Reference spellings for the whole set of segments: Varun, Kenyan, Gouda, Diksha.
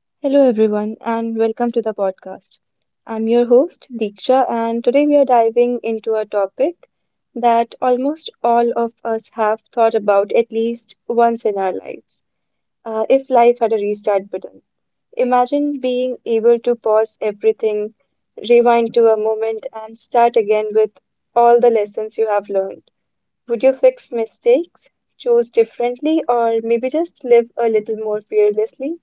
Hello, everyone, and welcome to the podcast. I'm your host, Diksha, and today we are diving into a topic that almost all of us have thought about at least once in our lives. If life had a restart button, imagine being able to pause everything, rewind to a moment, and start again with all the lessons you have learned. Would you fix mistakes, choose differently, or maybe just live a little more fearlessly?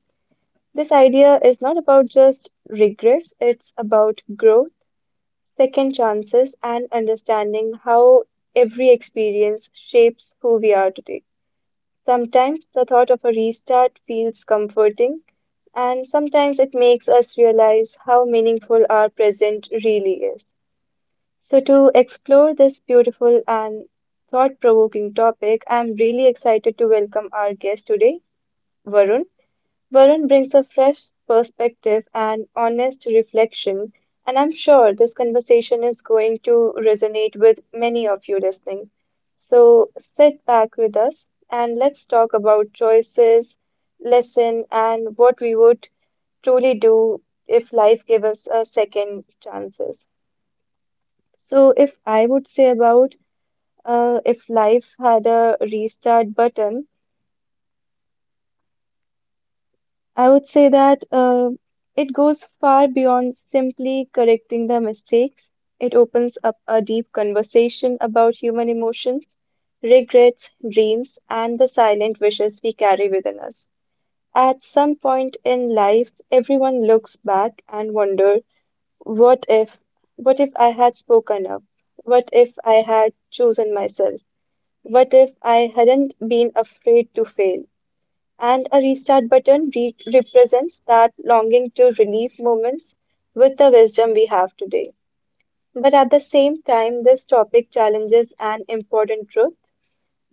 This idea is not about just regrets, it's about growth, second chances, and understanding how every experience shapes who we are today. Sometimes the thought of a restart feels comforting, and sometimes it makes us realize how meaningful our present really is. So, to explore this beautiful and thought provoking topic, I'm really excited to welcome our guest today, Varun. Varun brings a fresh perspective and honest reflection, and I'm sure this conversation is going to resonate with many of you listening. So sit back with us and let's talk about choices, lesson, and what we would truly do if life gave us a second chances. So if I would say about if life had a restart button, I would say that it goes far beyond simply correcting the mistakes. It opens up a deep conversation about human emotions, regrets, dreams, and the silent wishes we carry within us. At some point in life, everyone looks back and wonder, what if, what if I had spoken up? What if I had chosen myself? What if I hadn't been afraid to fail? And a restart button represents that longing to relieve moments with the wisdom we have today. But at the same time, this topic challenges an important truth.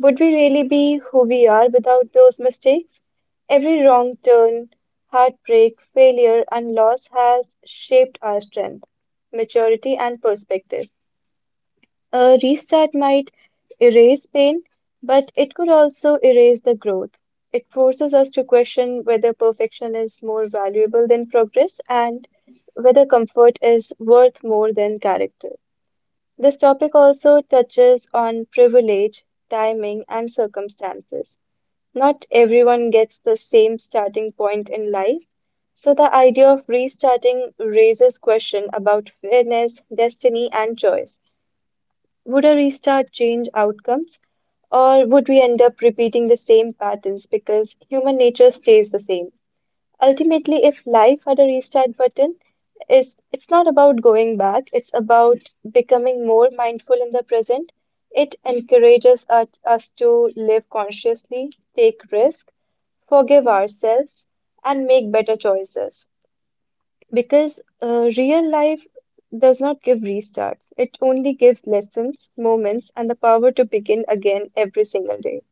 Would we really be who we are without those mistakes? Every wrong turn, heartbreak, failure, and loss has shaped our strength, maturity, and perspective. A restart might erase pain, but it could also erase the growth. It forces us to question whether perfection is more valuable than progress and whether comfort is worth more than character. This topic also touches on privilege, timing, and circumstances. Not everyone gets the same starting point in life, so the idea of restarting raises question about fairness, destiny, and choice. Would a restart change outcomes, or would we end up repeating the same patterns because human nature stays the same? Ultimately, if life had a restart button, is it's not about going back, it's about becoming more mindful in the present. It encourages us to live consciously, take risk, forgive ourselves, and make better choices. Because real life does not give restarts, it only gives lessons, moments, and the power to begin again every single day.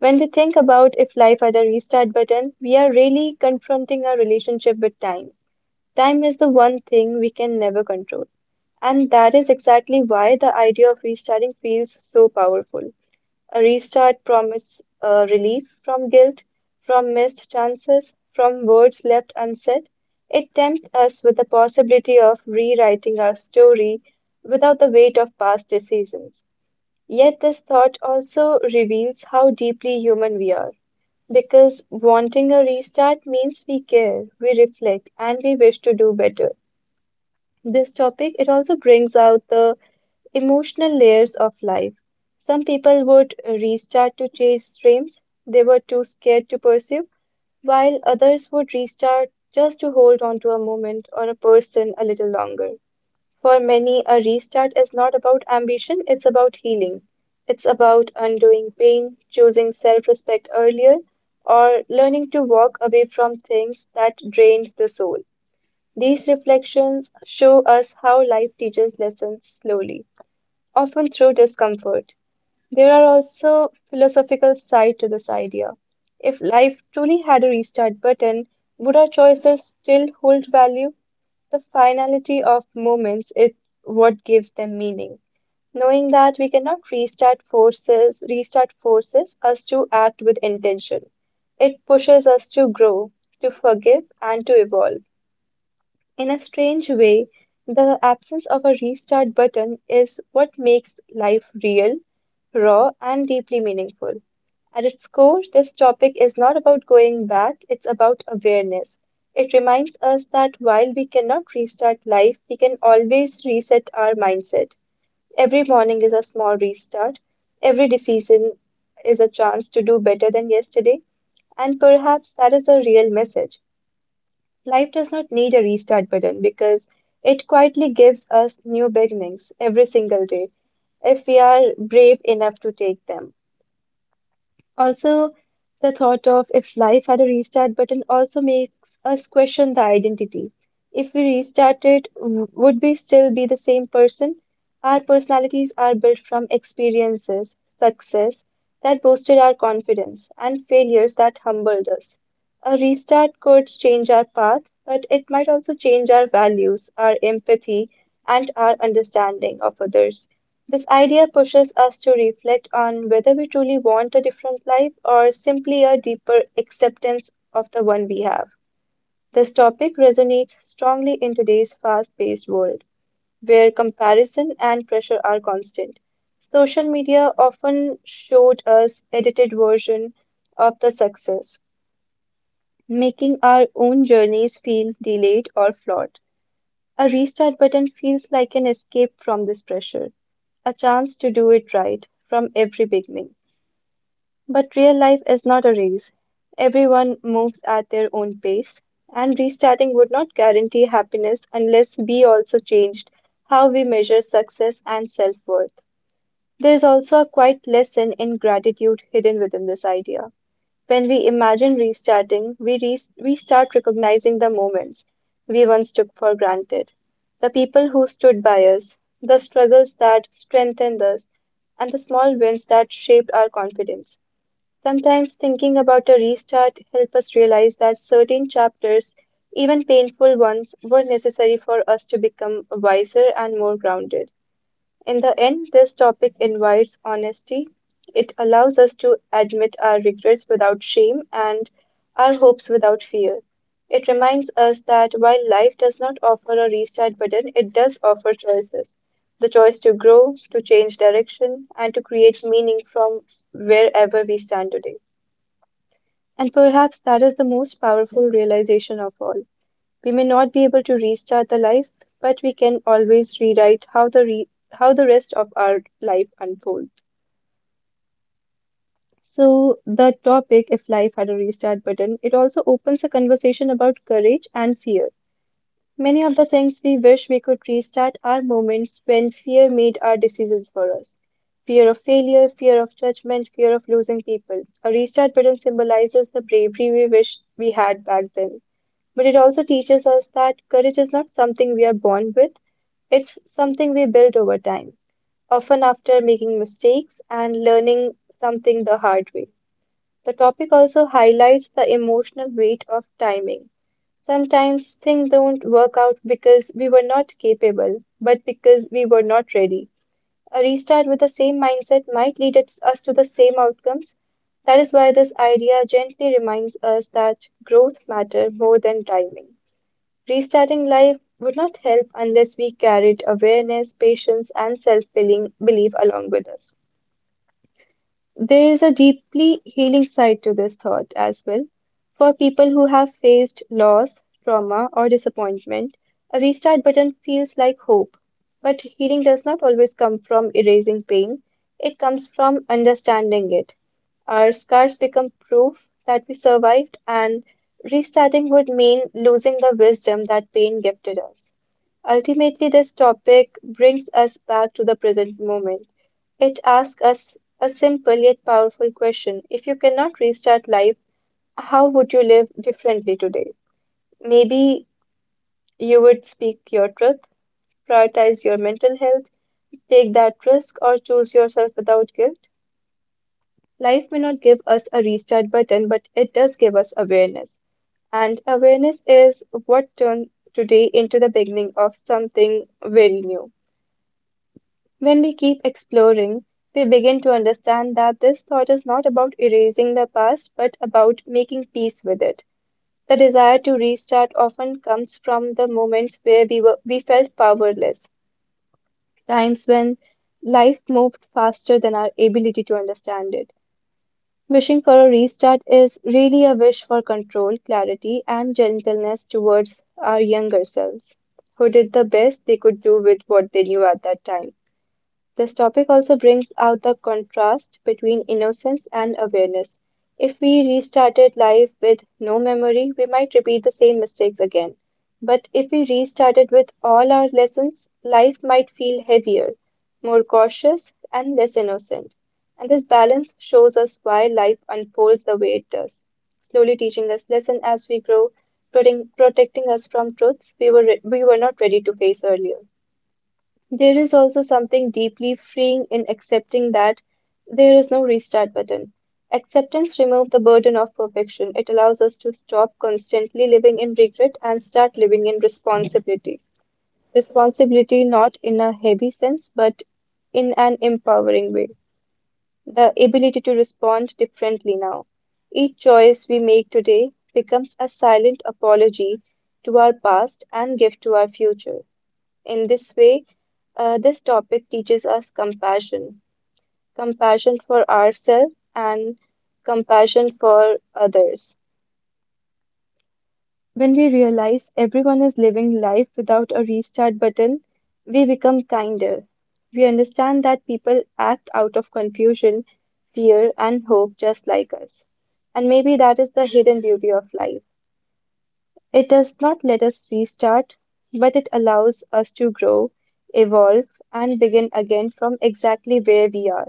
When we think about if life had a restart button, we are really confronting our relationship with time. Time is the one thing we can never control. And that is exactly why the idea of restarting feels so powerful. A restart promise relief from guilt, from missed chances, from words left unsaid. It tempts us with the possibility of rewriting our story without the weight of past decisions. Yet, this thought also reveals how deeply human we are. Because wanting a restart means we care, we reflect, and we wish to do better. This topic it also brings out the emotional layers of life. Some people would restart to chase dreams they were too scared to pursue, while others would restart just to hold on to a moment or a person a little longer. For many, a restart is not about ambition, it's about healing. It's about undoing pain, choosing self respect earlier, or learning to walk away from things that drained the soul. These reflections show us how life teaches lessons slowly often through discomfort. There are also philosophical side to this idea. If life truly had a restart button, would our choices still hold value? The finality of moments is what gives them meaning. Knowing that we cannot restart forces us to act with intention. It pushes us to grow, to forgive, and to evolve. In a strange way, the absence of a restart button is what makes life real, raw, and deeply meaningful. At its core, this topic is not about going back, it's about awareness. It reminds us that while we cannot restart life, we can always reset our mindset. Every morning is a small restart, every decision is a chance to do better than yesterday, and perhaps that is the real message. Life does not need a restart button because it quietly gives us new beginnings every single day if we are brave enough to take them. Also, the thought of if life had a restart button also makes us question the identity. If we restarted, would we still be the same person? Our personalities are built from experiences, success that boosted our confidence, and failures that humbled us. A restart could change our path, but it might also change our values, our empathy, and our understanding of others. This idea pushes us to reflect on whether we truly want a different life or simply a deeper acceptance of the one we have. This topic resonates strongly in today's fast paced world, where comparison and pressure are constant. Social media often showed us edited version of the success, making our own journeys feel delayed or flawed. A restart button feels like an escape from this pressure, a chance to do it right from every beginning. But real life is not a race. Everyone moves at their own pace, and restarting would not guarantee happiness unless we also changed how we measure success and self worth. There's also a quiet lesson in gratitude hidden within this idea. When we imagine restarting, we start recognizing the moments we once took for granted, the people who stood by us, the struggles that strengthened us, and the small wins that shaped our confidence. Sometimes thinking about a restart helps us realize that certain chapters, even painful ones, were necessary for us to become wiser and more grounded. In the end, this topic invites honesty. It allows us to admit our regrets without shame and our hopes without fear. It reminds us that while life does not offer a restart button, it does offer choices. The choice to grow, to change direction, and to create meaning from wherever we stand today. And perhaps that is the most powerful realization of all. We may not be able to restart the life, but we can always rewrite how the rest of our life unfolds. So the topic if life had a restart button, it also opens a conversation about courage and fear. Many of the things we wish we could restart are moments when fear made our decisions for us. Fear of failure, fear of judgment, fear of losing people. A restart button symbolizes the bravery we wish we had back then. But it also teaches us that courage is not something we are born with, it's something we build over time, often after making mistakes and learning something the hard way. The topic also highlights the emotional weight of timing. Sometimes things don't work out because we were not capable, but because we were not ready. A restart with the same mindset might lead us to the same outcomes. That is why this idea gently reminds us that growth matters more than timing. Restarting life would not help unless we carried awareness, patience, and self belief along with us. There is a deeply healing side to this thought as well. For people who have faced loss, trauma, or disappointment, a restart button feels like hope. But healing does not always come from erasing pain, it comes from understanding it. Our scars become proof that we survived, and restarting would mean losing the wisdom that pain gifted us. Ultimately, this topic brings us back to the present moment. It asks us a simple yet powerful question. If you cannot restart life, how would you live differently today? Maybe you would speak your truth, prioritize your mental health, take that risk, or choose yourself without guilt. Life may not give us a restart button, but it does give us awareness. And awareness is what turned today into the beginning of something very new. When we keep exploring, we begin to understand that this thought is not about erasing the past, but about making peace with it. The desire to restart often comes from the moments where we felt powerless, times when life moved faster than our ability to understand it. Wishing for a restart is really a wish for control, clarity, and gentleness towards our younger selves, who did the best they could do with what they knew at that time. This topic also brings out the contrast between innocence and awareness. If we restarted life with no memory, we might repeat the same mistakes again. But if we restarted with all our lessons, life might feel heavier, more cautious, and less innocent. And this balance shows us why life unfolds the way it does, slowly teaching us lesson as we grow, protecting us from truths we we were not ready to face earlier. There is also something deeply freeing in accepting that there is no restart button. Acceptance removes the burden of perfection. It allows us to stop constantly living in regret and start living in responsibility. Responsibility not in a heavy sense, but in an empowering way. The ability to respond differently now. Each choice we make today becomes a silent apology to our past and gift to our future. In this way, this topic teaches us compassion, compassion for ourselves and compassion for others. When we realize everyone is living life without a restart button, we become kinder. We understand that people act out of confusion, fear, and hope just like us. And maybe that is the hidden beauty of life. It does not let us restart, but it allows us to grow, evolve, and begin again from exactly where we are.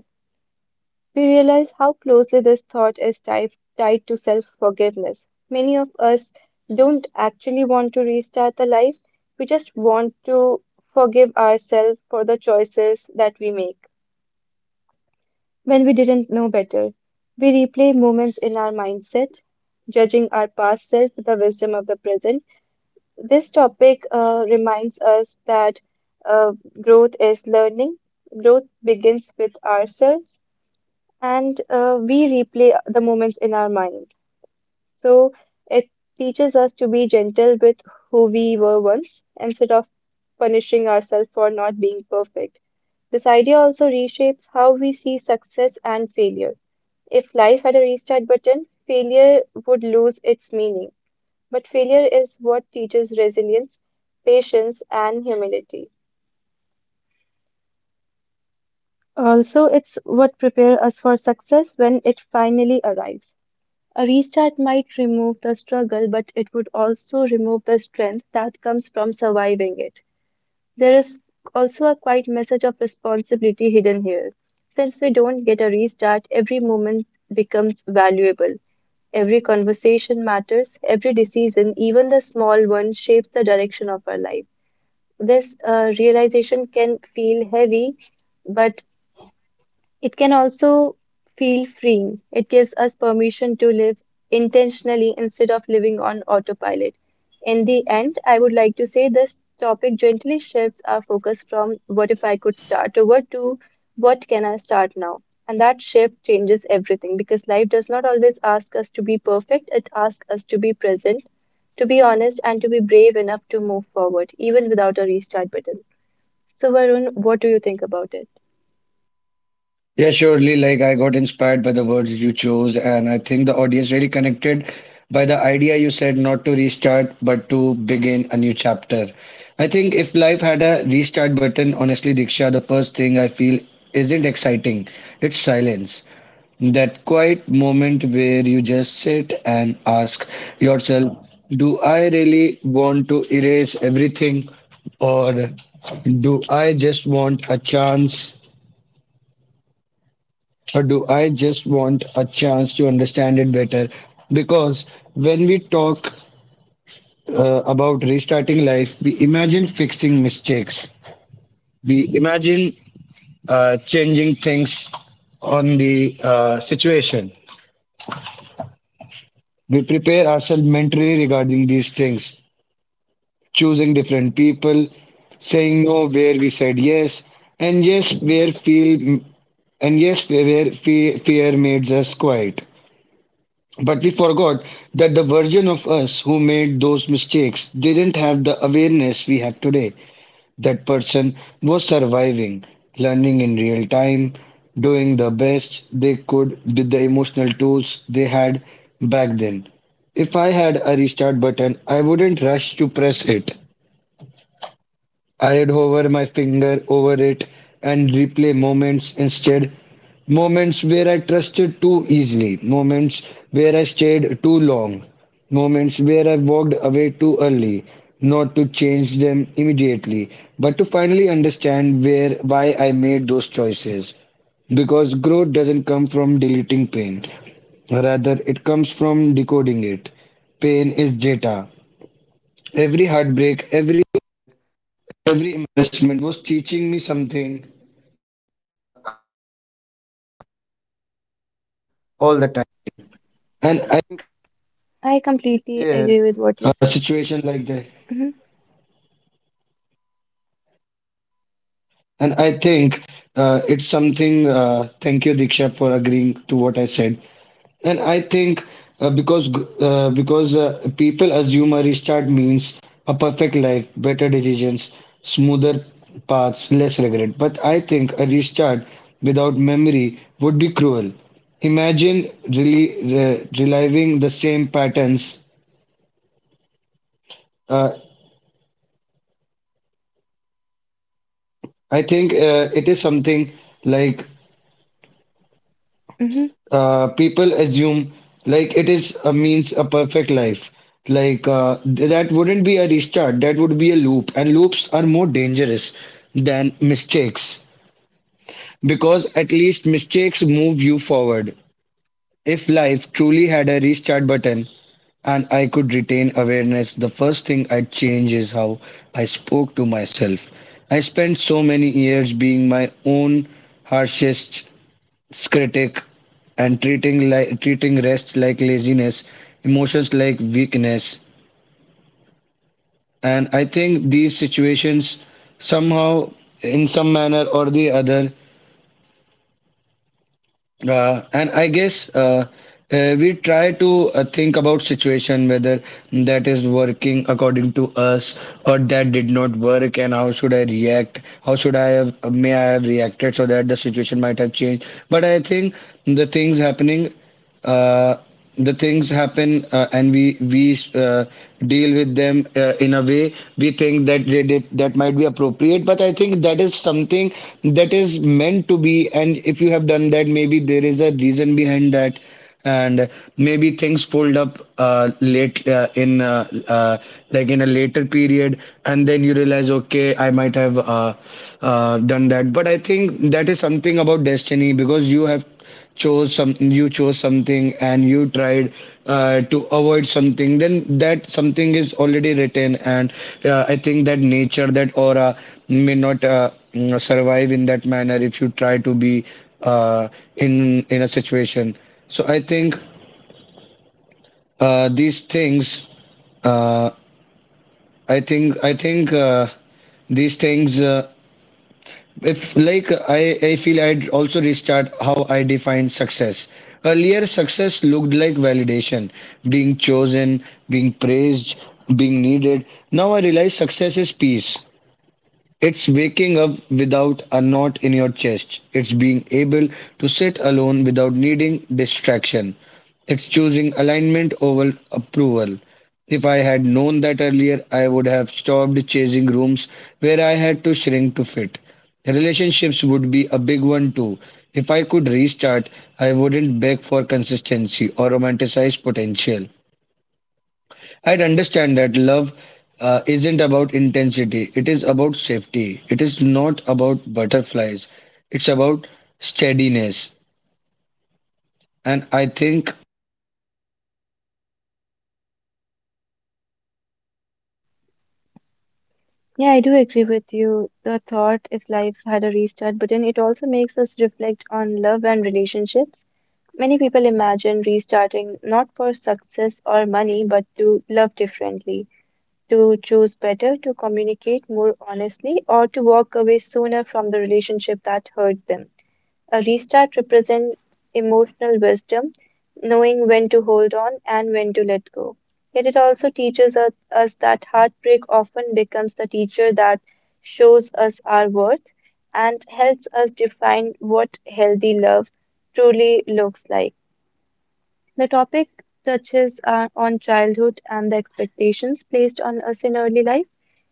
We realize how closely this thought is tied to self forgiveness. Many of us don't actually want to restart the life, we just want to forgive ourselves for the choices that we make when we didn't know better. We replay moments in our mindset, judging our past self with the wisdom of the present. This topic reminds us that uh, growth is learning. Growth begins with ourselves, and we replay the moments in our mind. So it teaches us to be gentle with who we were once instead of punishing ourselves for not being perfect. This idea also reshapes how we see success and failure. If life had a restart button, failure would lose its meaning. But failure is what teaches resilience, patience, and humility. Also, it's what prepares us for success when it finally arrives. A restart might remove the struggle, but it would also remove the strength that comes from surviving it. There is also a quiet message of responsibility hidden here. Since we don't get a restart, every moment becomes valuable. Every conversation matters, every decision, even the small one, shapes the direction of our life. This realization can feel heavy, but it can also feel freeing. It gives us permission to live intentionally instead of living on autopilot. In the end, I would like to say this topic gently shifts our focus from what if I could start over to what can I start now? And that shift changes everything because life does not always ask us to be perfect, it asks us to be present, to be honest, and to be brave enough to move forward, even without a restart button. So, Varun, what do you think about it? Yeah, surely. Like I got inspired by the words you chose, and I think the audience really connected by the idea you said not to restart, but to begin a new chapter. I think if life had a restart button, honestly, Diksha, the first thing I feel isn't exciting. It's silence. That quiet moment where you just sit and ask yourself, do I really want to erase everything, or do I just want a chance or do I just want a chance to understand it better? Because when we talk about restarting life, we imagine fixing mistakes, we imagine changing things on the situation. We prepare ourselves mentally regarding these things, choosing different people, saying no where we said yes, and yes where fear made us quiet. But we forgot that the version of us who made those mistakes didn't have the awareness we have today. That person was surviving, learning in real time, doing the best they could with the emotional tools they had back then. If I had a restart button, I wouldn't rush to press it. I'd hover my finger over it and replay moments instead, moments where I trusted too easily, moments where I stayed too long, moments where I walked away too early, not to change them immediately, but to finally understand where why I made those choices. Because growth doesn't come from deleting pain, rather, it comes from decoding it. Pain is data. Every. I completely agree with what you said. Hmm. And I think it's something, thank you, Diksha, for agreeing to what I said. And I think because g- because people assume a restart means a perfect life, better decisions, smoother paths, less regret. But I think a restart without memory would be cruel. Imagine really reliving the same patterns. Uh, I think it is something like Hmm. People assume like it is means a perfect life. Like that wouldn't be a restart. That would be a loop, and loops are more dangerous than mistakes because at least mistakes move you forward. If life truly had a restart button and I could retain awareness, the first thing I'd change is how I spoke to myself. I spent so many years being my own harshest critic and treating rest like laziness, emotions like weakness. And I think these situations somehow, in some manner or the other, and I guess we try to think about situation whether that is working according to us or that did not work, and how should I react? How should I have reacted so that the situation might have changed? But I think the things happening uh, the things happen and we deal with them in a way we think that that might be appropriate, but I think that is something that is meant to be, and if you have done that maybe there is a reason behind that. And maybe things fold up late in like in a later period, and then you realize okay, I might have done that, but I think that is something about destiny because you have chose something you chose something and you tried to avoid something, then that something is already written. And I think that nature, that aura may not survive in that manner if you try to be uh, in a situation. So I think uh, these things uh, i think i think uh, these things if like I feel I'd also restart how I define success. Earlier success looked like validation, being chosen, being praised, being needed. Now I realize success is peace. It's waking up without a knot in your chest. It's being able to sit alone without needing distraction. It's choosing alignment over approval. If I had known that earlier, I would have stopped chasing rooms where I had to shrink to fit. Relationships would be a big one too. If I could restart, I wouldn't beg for consistency or romanticize potential. I'd understand that love isn't about intensity, it is about safety. It is not about butterflies, it's about steadiness. And I think, Yeah, I do agree with you. The thought if life had a restart button, it also makes us reflect on love and relationships. Many people imagine restarting not for success or money, but to love differently, to choose better, to communicate more honestly, or to walk away sooner from the relationship that hurt them. A restart represents emotional wisdom, knowing when to hold on and when to let go. Yet it also teaches us that heartbreak often becomes the teacher that shows us our worth and helps us define what healthy love truly looks like. The topic touches on childhood and the expectations placed on us in early life.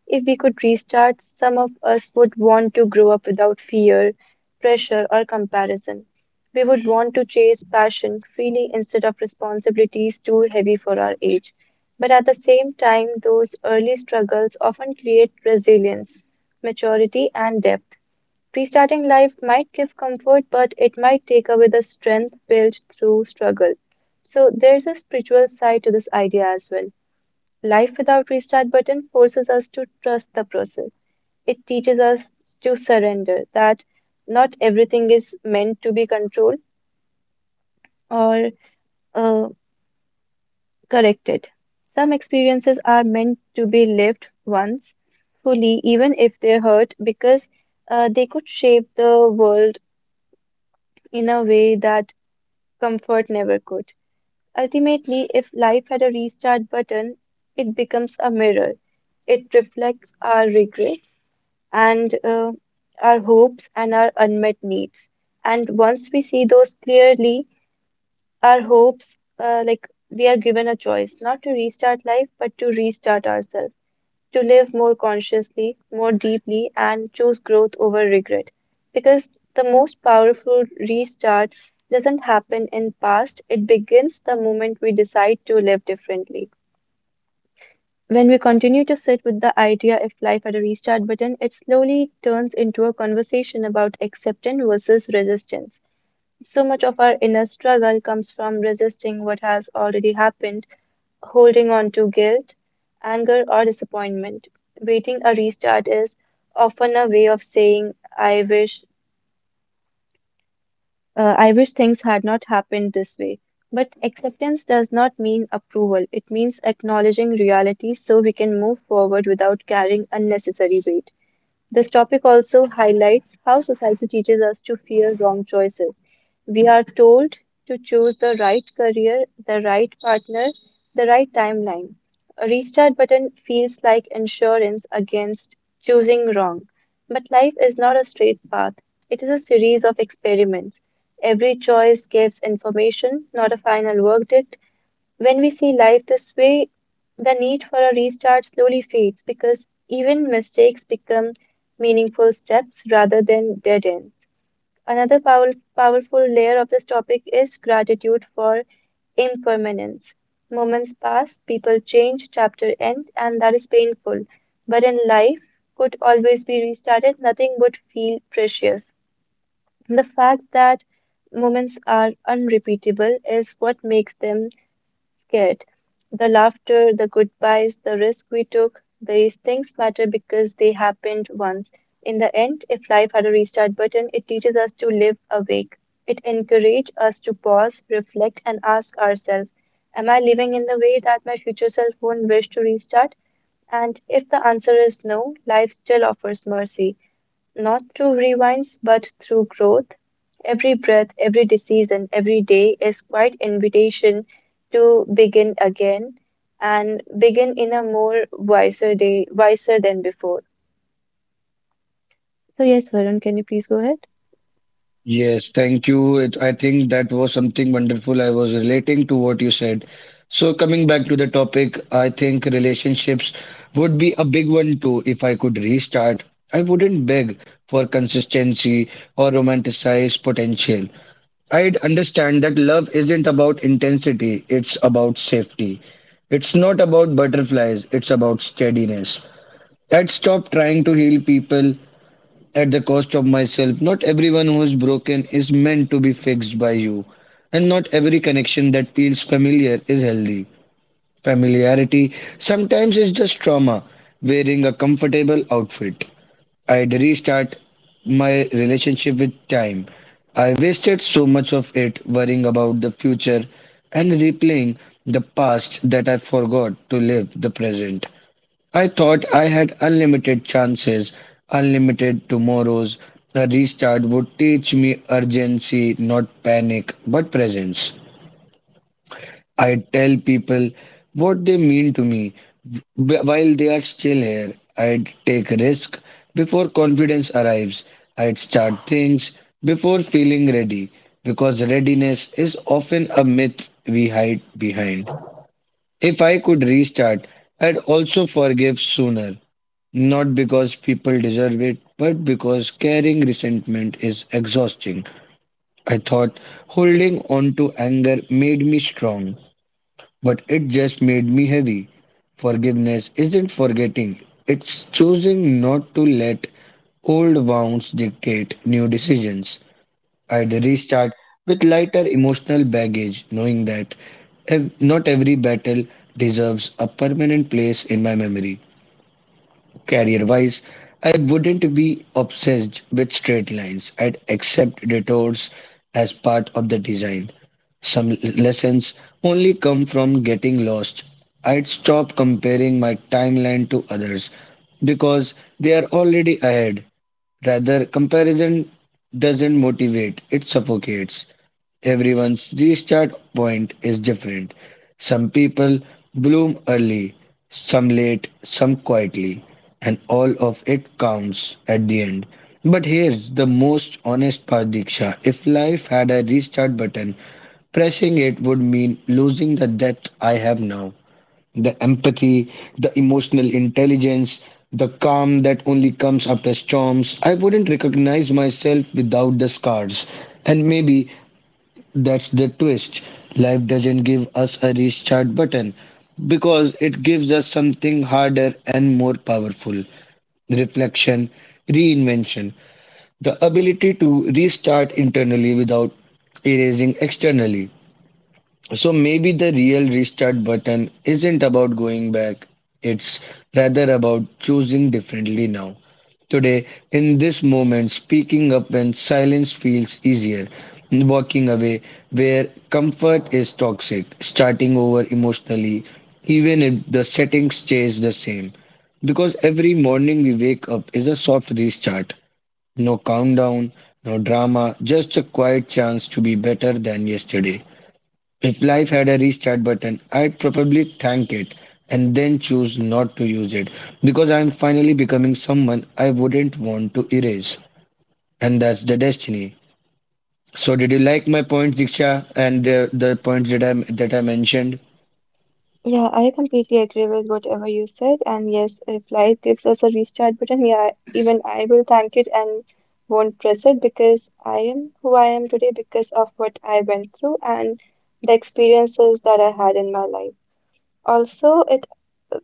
If we could restart, some of us would want to grow up without fear, pressure, or comparison. We would want to chase passion freely instead of responsibilities too heavy for our age. But at the same time, those early struggles often create resilience, maturity, and depth. Restarting life might give comfort, but it might take away the strength built through struggle. So, there's a spiritual side to this idea as well. Life without restart button forces us to trust the process. It teaches us to surrender that not everything is meant to be controlled or uh, corrected. Some experiences are meant to be lived once fully, even if they hurt, because they could shape the world in a way that comfort never could. Ultimately, if life had a restart button, it becomes a mirror. It reflects our regrets, and our hopes and our unmet needs. And once we see those clearly, our hopes, like we are given a choice not to restart life, but to restart ourselves, to live more consciously, more deeply, and choose growth over regret. Because the most powerful restart doesn't happen in past, it begins the moment we decide to live differently. When we continue to sit with the idea if life had a restart button, it slowly turns into a conversation about acceptance versus resistance. So much of our inner struggle comes from resisting what has already happened, holding on to guilt, anger, or disappointment. Waiting a restart is often a way of saying, I wish things had not happened this way. But acceptance does not mean approval, it means acknowledging reality so we can move forward without carrying unnecessary weight. This topic also highlights how society teaches us to fear wrong choices. We are told to choose the right career, the right partner, the right timeline. A restart button feels like insurance against choosing wrong. But life is not a straight path, it is a series of experiments. Every choice gives information, not a final verdict. When we see life this way, the need for a restart slowly fades because even mistakes become meaningful steps rather than dead ends. Another powerful layer of this topic is gratitude for impermanence. Moments pass, people change, chapter end, and that is painful. But in life, could always be restarted, nothing would feel precious. The fact that moments are unrepeatable is what makes them scared. The laughter, the goodbyes, the risk we took, these things matter because they happened once. In the end, if life had a restart button, it teaches us to live awake. It encourages us to pause, reflect, and ask ourselves, am I living in the way that my future self won't wish to restart? And if the answer is no, life still offers mercy not through rewinds but through growth. Every breath, every decision, every day is quite invitation to begin again and begin in a more wiser day, wiser than before. So yes, Varun, can you please go ahead? yes, thank you. It, I think that was something wonderful. I was relating to what you said. So, coming back to the topic, I think relationships would be a big one too if I could restart. I wouldn't beg for consistency or romanticize potential. I'd understand that love isn't about intensity, it's about safety. It's not about butterflies, it's about steadiness. I'd stop trying to heal people at the cost of myself. Not everyone who's broken is meant to be fixed by you, and not every connection that feels familiar is healthy. Familiarity sometimes is just trauma, wearing a comfortable outfit. I'd restart my relationship with time. I wasted so much of it worrying about the future and replaying the past that I forgot to live the present. I thought I had unlimited chances, unlimited tomorrows. A restart would teach me urgency, not panic, but presence. I tell people what they mean to me, while they are still here. I'd take risk before confidence arrives. I'd start things before feeling ready because readiness is often a myth we hide behind. If I could restart, I'd also forgive sooner, not because people deserve it, but because carrying resentment is exhausting. I thought holding on to anger made me strong, but it just made me heavy. Forgiveness isn't forgetting, it's choosing not to let old wounds dictate new decisions. I'd restart with lighter emotional baggage, knowing that not every battle deserves a permanent place in my memory. Career wise, I wouldn't be obsessed with straight lines. I'd accept detours as part of the design. Some lessons only come from getting lost. I'd stop comparing my timeline to others because they are already ahead. Rather, comparison doesn't motivate, it suffocates. Everyone's restart point is different. Some people bloom early, some late, some quietly, and all of it counts at the end. But here's the most honest part, Diksha. If life had a restart button, pressing it would mean losing the depth I have now. The empathy, the emotional intelligence, the calm that only comes after storms. I wouldn't recognize myself without the scars. And maybe that's the twist. Life doesn't give us a restart button because it gives us something harder and more powerful: reflection, reinvention, the ability to restart internally without erasing externally. So maybe the real restart button isn't about going back, it's rather about choosing differently now. Today, in this moment, speaking up when silence feels easier, walking away where comfort is toxic, starting over emotionally, even if the setting stays the same. Because every morning we wake up is a soft restart. No countdown, no drama, just a quiet chance to be better than yesterday. If life had a restart button, I'd probably thank it and then choose not to use it because I'm finally becoming someone I wouldn't want to erase. And that's the destiny. So, did you like my points, Diksha, and the points that I mentioned? Yeah, I completely agree with whatever you said. And yes, if life gives us a restart button, yeah, even I will thank it and won't press it because I am who I am today because of what I went through and the experiences that I had in my life. Also, it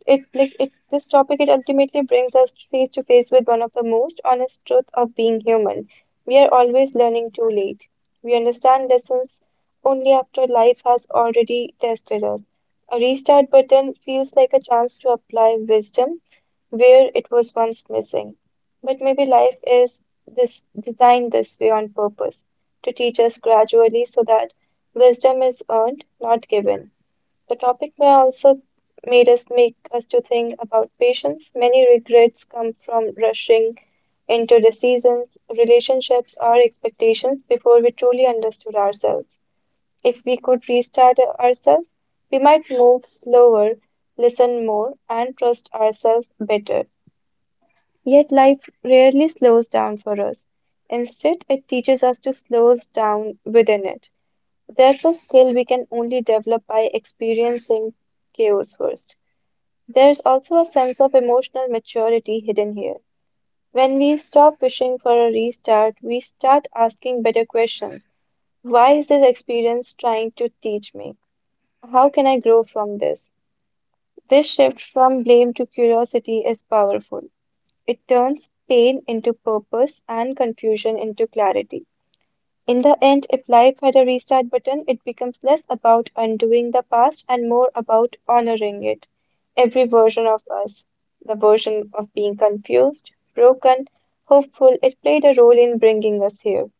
it like it this topic it ultimately brings us face to face with one of the most honest truth of being human. We are always learning too late. We understand lessons only after life has already tested us. A restart button feels like a chance to apply wisdom where it was once missing. But maybe life is this designed this way on purpose to teach us gradually so that wisdom is earned, not given. The topic may also made us make us to think about patience. Many regrets come from rushing into decisions, relationships, or expectations before we truly understood ourselves. If we could restart ourselves, we might move slower, listen more, and trust ourselves better. Yet life rarely slows down for us. Instead, it teaches us to slow down within it. That's a skill we can only develop by experiencing chaos first. There's also a sense of emotional maturity hidden here. When we stop wishing for a restart, we start asking better questions. Why is this experience trying to teach me? How can I grow from this? This shift from blame to curiosity is powerful. It turns pain into purpose and confusion into clarity. In the end, if life had a restart button, it becomes less about undoing the past and more about honoring it. Every version of us, the version of being confused, broken, hopeful, it played a role in bringing us here.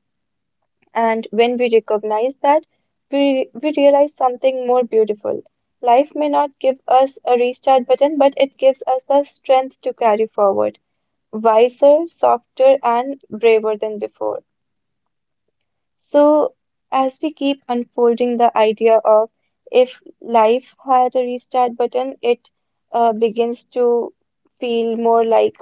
And when we recognize that, we realize something more beautiful. Life may not give us a restart button, but it gives us the strength to carry forward, wiser, softer, and braver than before. So, as we keep unfolding the idea of if life had a restart button, it begins to feel more like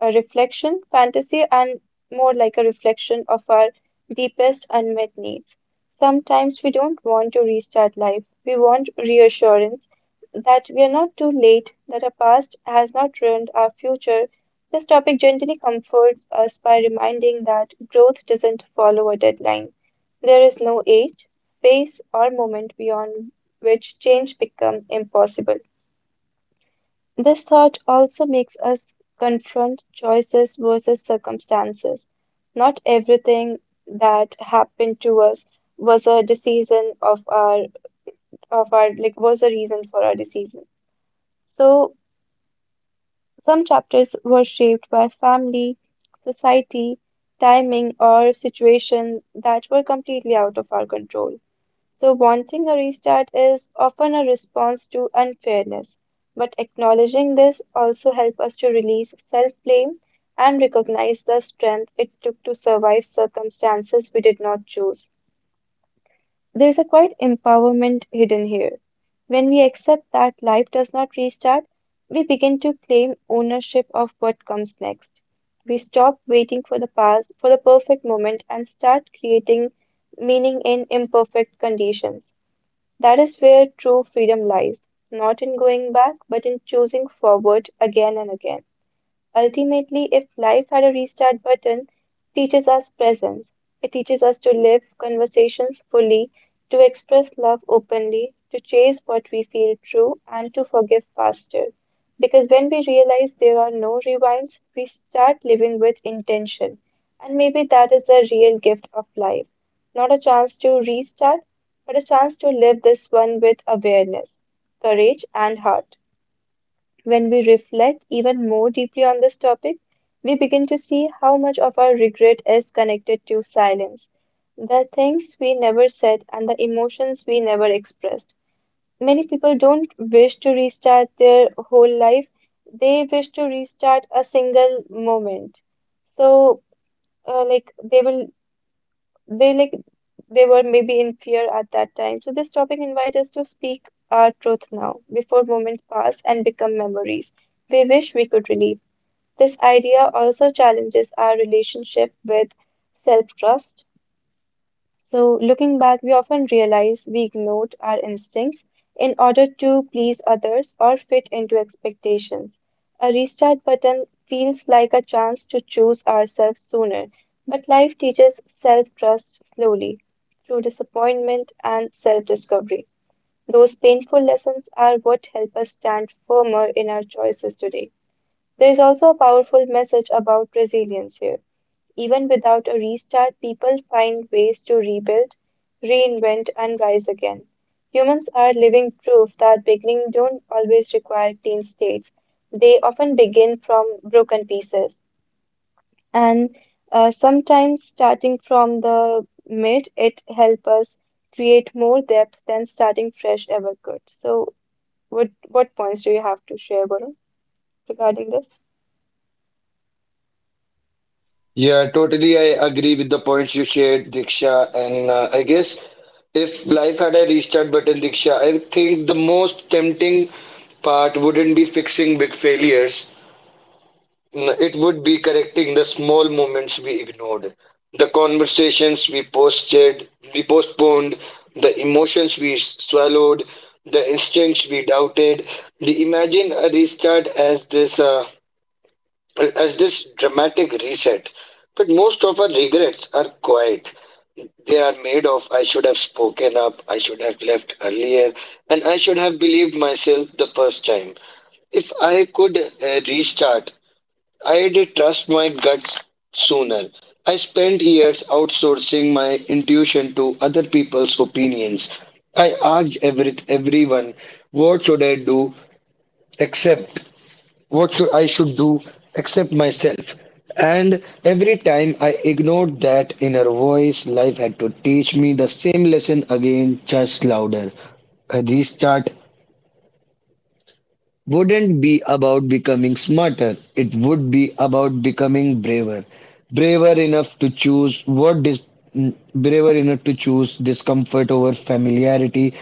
a reflection, fantasy, and more like a reflection of our deepest unmet needs. Sometimes we don't want to restart life. We want reassurance that we are not too late, that our past has not ruined our future. This topic gently comforts us by reminding that growth doesn't follow a deadline. There is no age, phase, or moment beyond which change becomes impossible. This thought also makes us confront choices versus circumstances. Not everything that happened to us was a decision of our was a reason for our decision. So some chapters were shaped by family, society, timing, or situation that were completely out of our control. So, wanting a restart is often a response to unfairness, but acknowledging this also helps us to release self blame and recognize the strength it took to survive circumstances we did not choose. There's a quite empowerment hidden here. When we accept that life does not restart, we begin to claim ownership of what comes next. We stop waiting for the past, for the perfect moment, and start creating meaning in imperfect conditions. That is where true freedom lies, not in going back, but in choosing forward again and again. Ultimately, if life had a restart button, it teaches us presence. It teaches us to live conversations fully, to express love openly, to chase what we feel true, and to forgive faster. Because when we realize there are no rewinds, we start living with intention. And maybe that is the real gift of life. Not a chance to restart, but a chance to live this one with awareness, courage, and heart. When we reflect even more deeply on this topic, we begin to see how much of our regret is connected to silence, the things we never said, and the emotions we never expressed. Many people don't wish to restart their whole life, they wish to restart a single moment. So, uh, like, they will they they were maybe in fear at that time. So this topic invites us to speak our truth now, before moments pass and become memories we wish we could relive. This idea also challenges our relationship with self-trust. So, looking back, we often realize we ignored our instincts in order to please others or fit into expectations. A restart button feels like a chance to choose ourselves sooner, but life teaches self trust slowly through disappointment and self discovery. Those painful lessons are what help us stand firmer in our choices today. There is also a powerful message about resilience here. Even without a restart, people find ways to rebuild, reinvent, and rise again. Humans are living proof that beginnings don't always require clean states. They often begin from broken pieces. And sometimes starting from the mid, it helps us create more depth than starting fresh ever could. So, what points do you have to share, Varun, regarding this? Yeah, totally. I agree with the points you shared, Diksha. And I guess if life had a restart button, Diksha, I think the most tempting part wouldn't be fixing big failures. It would be correcting the small moments we ignored, the conversations we postponed, the emotions we swallowed, the instincts we doubted. The imagine a restart as this dramatic reset. But most of our regrets are quiet. They are made of I should have spoken up, I should have left earlier, and I should have believed myself the first time. If I could restart, I did trust my guts sooner. I spent years outsourcing my intuition to other people's opinions. I asked everyone, what should I do except what should I should do except myself? And every time I ignored that inner voice, life had to teach me the same lesson again, just louder. I restart wouldn't be about becoming smarter, it would be about becoming braver. Braver enough to choose what dis- mm, braver enough to choose discomfort over familiarity,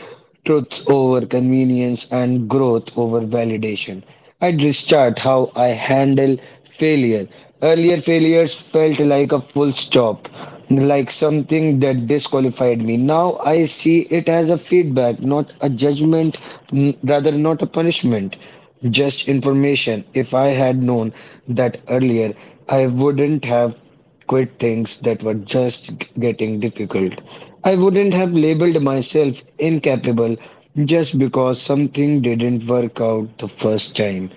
truth over convenience, and growth over validation. I'd restart how I handle failure. Earlier failures felt like a full stop, like something that disqualified me. Now I see it as a feedback, not a judgment, rather, not a punishment. Just information. If I had known that earlier, I wouldn't have quit things that were just getting difficult. I wouldn't have labeled myself incapable just because something didn't work out the first time.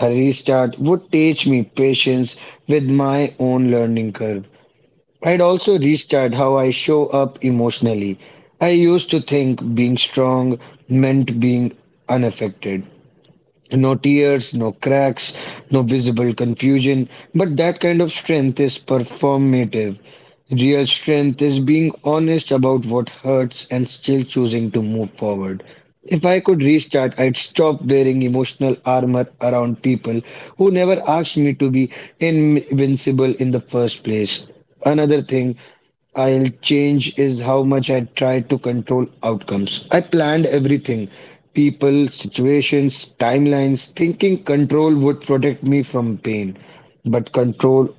A restart would teach me patience with my own learning curve. I'd also restart how I show up emotionally. I used to think being strong meant being unaffected. No tears, no cracks, no visible confusion, but that kind of strength is performative. Real strength is being honest about what hurts and still choosing to move forward. If I could restart, I'd stop wearing emotional armor around people who never asked me to be invincible in the first place. Another thing I'll change is how much I try to control outcomes. I planned everything: people, situations, timelines, thinking control would protect me from pain. But control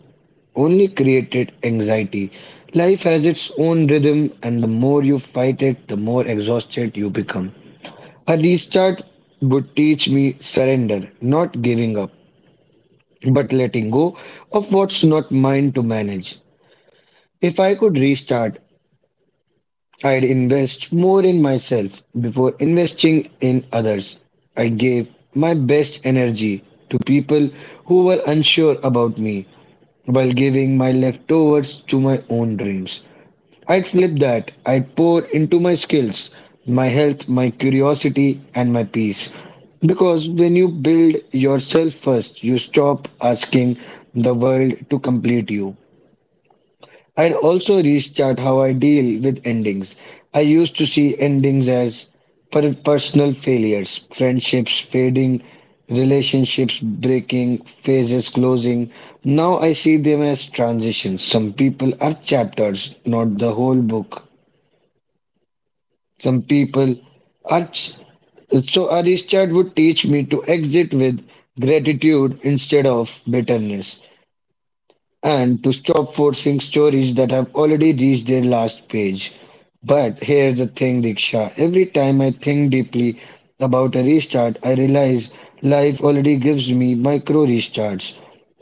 only created anxiety. Life has its own rhythm, and the more you fight it, the more exhausted you become. A restart would teach me surrender, not giving up, but letting go of what's not mine to manage. If I could restart, I'd invest more in myself before investing in others. I gave my best energy to people who were unsure about me while giving my leftovers to my own dreams. I'd flip that. I'd pour into my skills, my health, my curiosity, and my peace. Because when you build yourself first, you stop asking the world to complete you. I'd also restart how I deal with endings. I used to see endings as personal failures, friendships fading, relationships breaking, phases closing. Now I see them as transitions. Some people are chapters, not the whole book. Some people are. Ch- so a restart would teach me to exit with gratitude instead of bitterness, and to stop forcing stories that have already reached their last page. But here's the thing, Diksha. Every time I think deeply about a restart, I realize life already gives me micro restarts.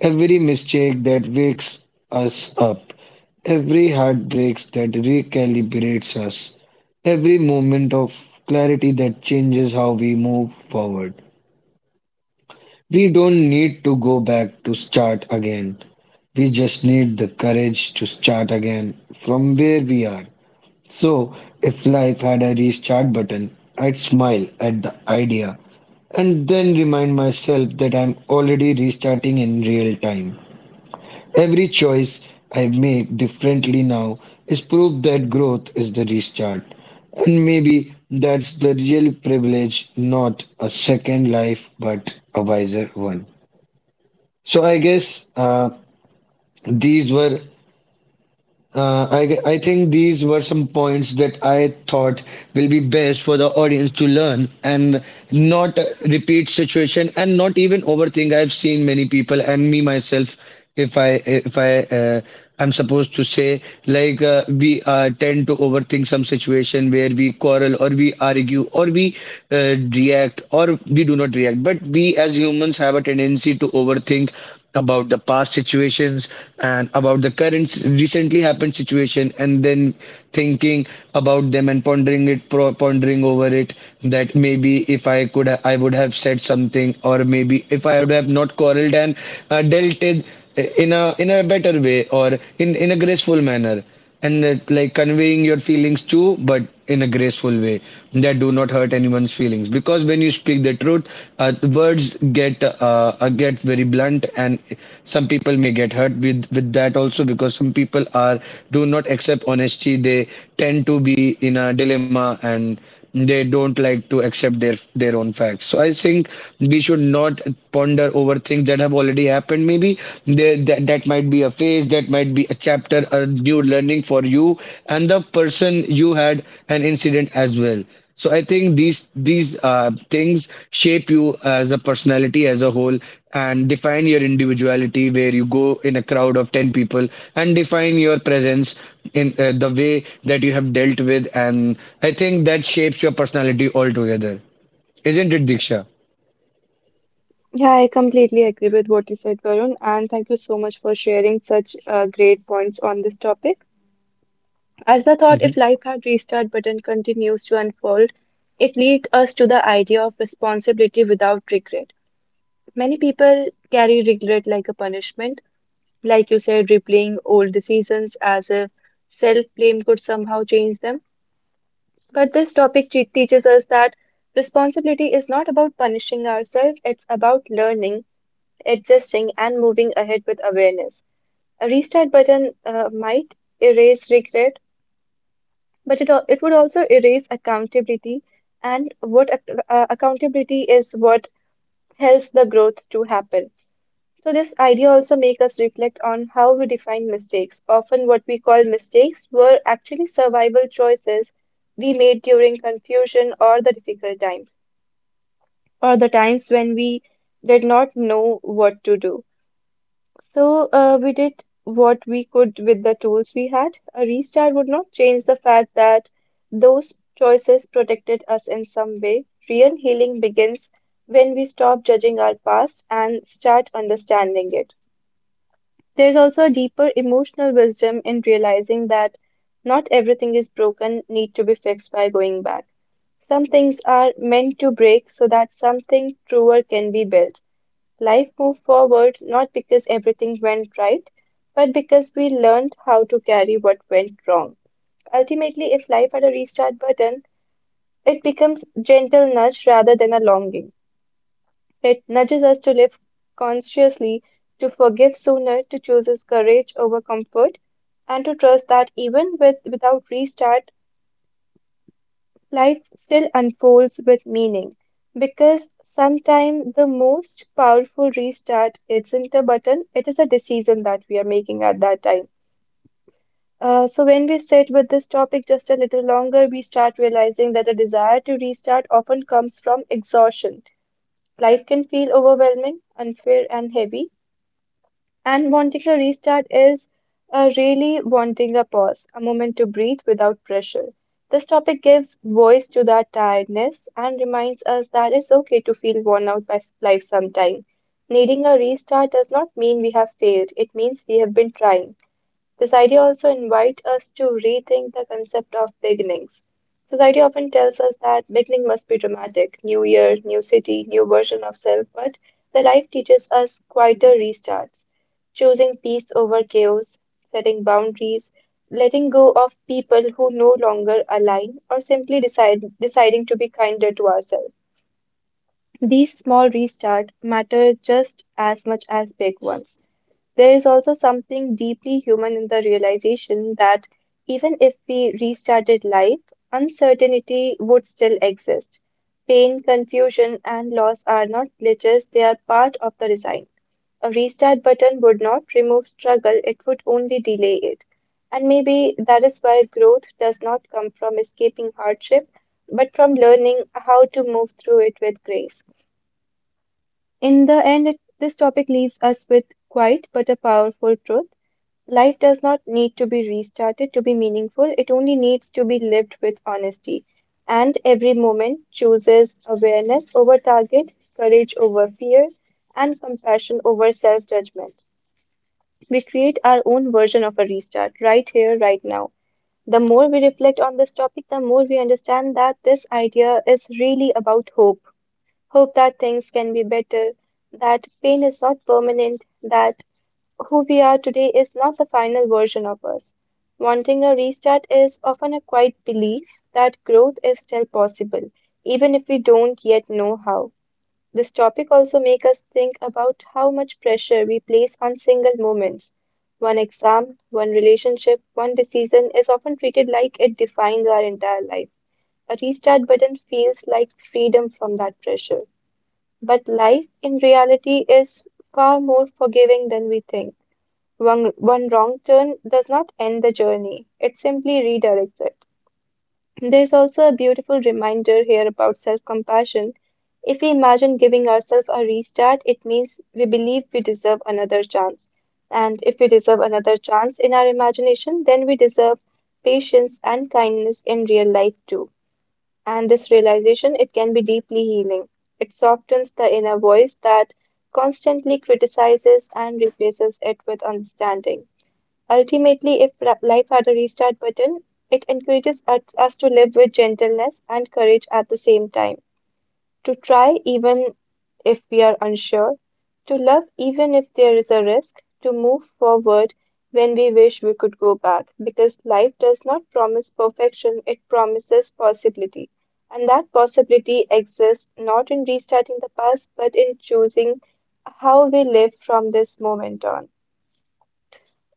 Every mistake that wakes us up, every heartbreak that recalibrates us, every moment of clarity that changes how we move forward. We don't need to go back to start again. We just need the courage to start again from where we are. So, if life had a restart button, I'd smile at the idea and then remind myself that I'm already restarting in real time. Every choice I make differently now is proof that growth is the restart. And maybe that's the real privilege, not a second life, but a wiser one. So I guess these were I think these were some points that I thought will be best for the audience to learn and not repeat situation and not even overthink. I've seen many people and me myself. If I I'm supposed to say like we tend to overthink some situation where we quarrel or we argue or we react or we do not react. But we as humans have a tendency to overthink about the past situations and about the current recently happened situation, and then thinking about them and pondering over it that maybe if I could ha- I would have said something, or maybe if I would have not quarreled and dealt it in a better way, or in a graceful manner, and that, like, conveying your feelings too, but in a graceful way, that do not hurt anyone's feelings. Because when you speak the truth, the words get very blunt, and some people may get hurt with that also, because some people are do not accept honesty. They tend to be in a dilemma, and they don't like to accept their own facts. So I think we should not ponder over things that have already happened. Maybe that might be a phase, that might be a chapter, a new learning for you and the person you had an incident as well. So I think these things shape you as a personality as a whole and define your individuality, where you go in a crowd of 10 people and define your presence in the way that you have dealt with, and I think that shapes your personality altogether. Isn't it, Diksha? Yeah, I completely agree with what you said, Varun, and thank you so much for sharing such great points on this topic. As I thought, if life had restart button continues to unfold, it leads us to the idea of responsibility without regret. Many people carry regret like a punishment, like you said, replaying old decisions as if self-blame could somehow change them. But this topic teaches us that responsibility is not about punishing ourselves, it's about learning adjusting, and moving ahead with awareness. A restart button might erase regret, but it would also erase accountability. And what accountability is what helps the growth to happen. So this idea also make us reflect on how we define mistakes. Often what we call mistakes were actually survival choices we made during confusion or the difficult times, or the times when we did not know what to do. So we did what we could with the tools we had. A restart would not change the fact that those choices protected us in some way. Real healing begins when we stop judging our past and start understanding it. There's also a deeper emotional wisdom in realizing that not everything is broken need to be fixed by going back. Some things are meant to break so that something truer can be built. Life moved forward not because everything went right, but because we learned how to carry what went wrong. Ultimately, if life had a restart button, it becomes gentle nudge rather than a longing. It nudges us to live consciously, to forgive sooner, to choose courage over comfort, and to trust that even with without restart, life still unfolds with meaning because sometimes the most powerful restart isn't a button, it is a decision that we are making at that time. So, when we sit with this topic just a little longer, we start realizing that a desire to restart often comes from exhaustion. Life can feel overwhelming, unfair, and heavy, and wanting a restart is really wanting a pause, a moment to breathe without pressure. This topic gives voice to that tiredness and reminds us that it's okay to feel worn out by life sometime. Needing a restart does not mean we have failed, it means we have been trying. This idea also invites us to rethink the concept of beginnings. Society often tells us that beginning must be dramatic, new year, new city, new version of self, but the life teaches us quieter restarts, choosing peace over chaos, setting boundaries, letting go of people who no longer align, or simply decide, deciding to be kinder to ourselves. These small restarts matter just as much as big ones. There is also something deeply human in the realization that even if we restarted life, uncertainty would still exist. Pain, confusion, and loss are not glitches, they are part of the design. A restart button would not remove struggle, it would only delay it. And maybe that is why growth does not come from escaping hardship, but from learning how to move through it with grace. In the end, this topic leaves us with quite but a powerful truth. Life does not need to be restarted to be meaningful, it only needs to be lived with honesty. And every moment chooses awareness over target, courage over fear, and compassion over self judgment. We create our own version of a restart right here, right now. The more we reflect on this topic, the more we understand that this idea is really about hope. Hope that things can be better, that pain is not permanent, that who we are today is not the final version of us. Wanting a restart is often a quiet belief that growth is still possible, even if we don't yet know how. This topic also makes us think about how much pressure we place on single moments. One exam, one relationship, one decision is often treated like it defines our entire life. A restart button feels like freedom from that pressure. But life in reality is far more forgiving than we think. One wrong turn does not end the journey, it simply redirects it. There's also a beautiful reminder here about self compassion. If we imagine giving ourselves a restart, it means we believe we deserve another chance. And if we deserve another chance in our imagination, then we deserve patience and kindness in real life too. And this realization, it can be deeply healing. It softens the inner voice that constantly criticizes and replaces it with understanding. Ultimately, if life had a restart button, it encourages us to live with gentleness and courage at the same time, to try even if we are unsure, to love even if there is a risk, to move forward when we wish we could go back, because life does not promise perfection, it promises possibility. And that possibility exists not in restarting the past, but in choosing how we live from this moment on.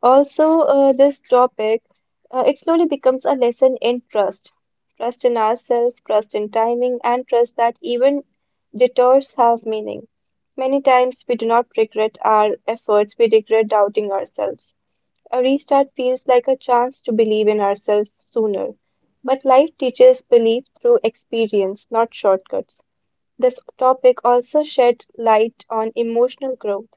Also, this topic, it slowly becomes a lesson in trust. Trust in ourselves, trust in timing, and trust that even detours have meaning. Many times we do not regret our efforts, we regret doubting ourselves. A restart feels like a chance to believe in ourselves sooner. But life teaches belief through experience, not shortcuts. This topic also shed light on emotional growth.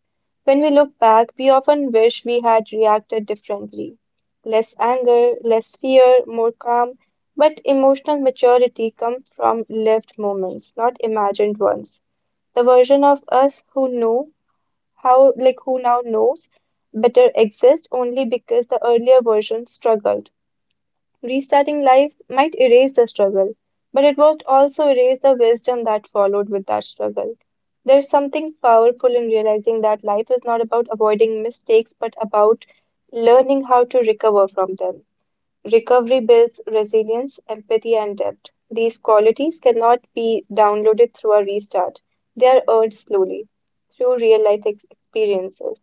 When we look back, we often wish we had reacted differently. Less anger, less fear, more calm, but emotional maturity comes from lived moments, not imagined ones. The version of us who now knows better exists only because the earlier version struggled. Restarting life might erase the struggle, but it would also erase the wisdom that followed with that struggle. There's something powerful in realizing that life is not about avoiding mistakes, but about learning how to recover from them. Recovery builds resilience, empathy, and depth. These qualities cannot be downloaded through a restart, they are earned slowly through real life experiences.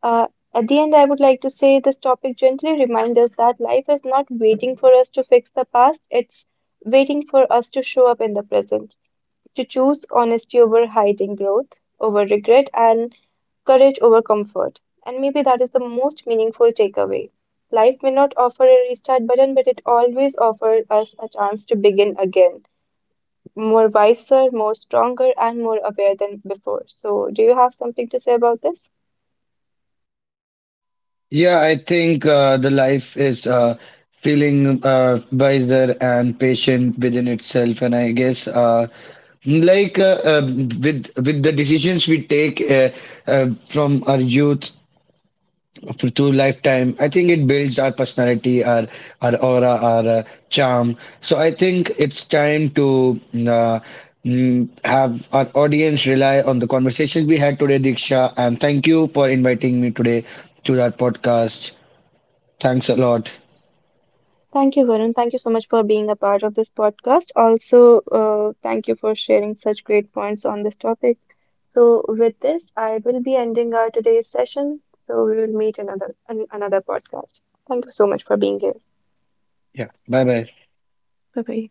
Uh, at the end, I would like to say this topic gently reminds us that life is not waiting for us to fix the past, it's waiting for us to show up in the present, to choose honesty over hiding growth, over regret, and courage over comfort. And maybe that is the most meaningful takeaway. Life may not offer a restart button, but it always offers us a chance to begin again, more wiser, more stronger, and more aware than before. So, do you have something to say about this? Yeah, I think the life is feeling wiser and patient within itself, and I guess like uh, uh, with the decisions we take from our youth to lifetime, I think it builds our personality, our aura, our charm. So I think it's time to. Uh, have our audience rely on the conversations we had today, Diksha, and thank you for inviting me today to our podcast. Thanks a lot. Thank you, Varun. Thank you so much for being a part of this podcast. Also, thank you for sharing such great points on this topic. So, with this, I will be ending our today's session. So, we will meet in another podcast. Thank you so much for being here. Yeah. Bye bye. Bye bye.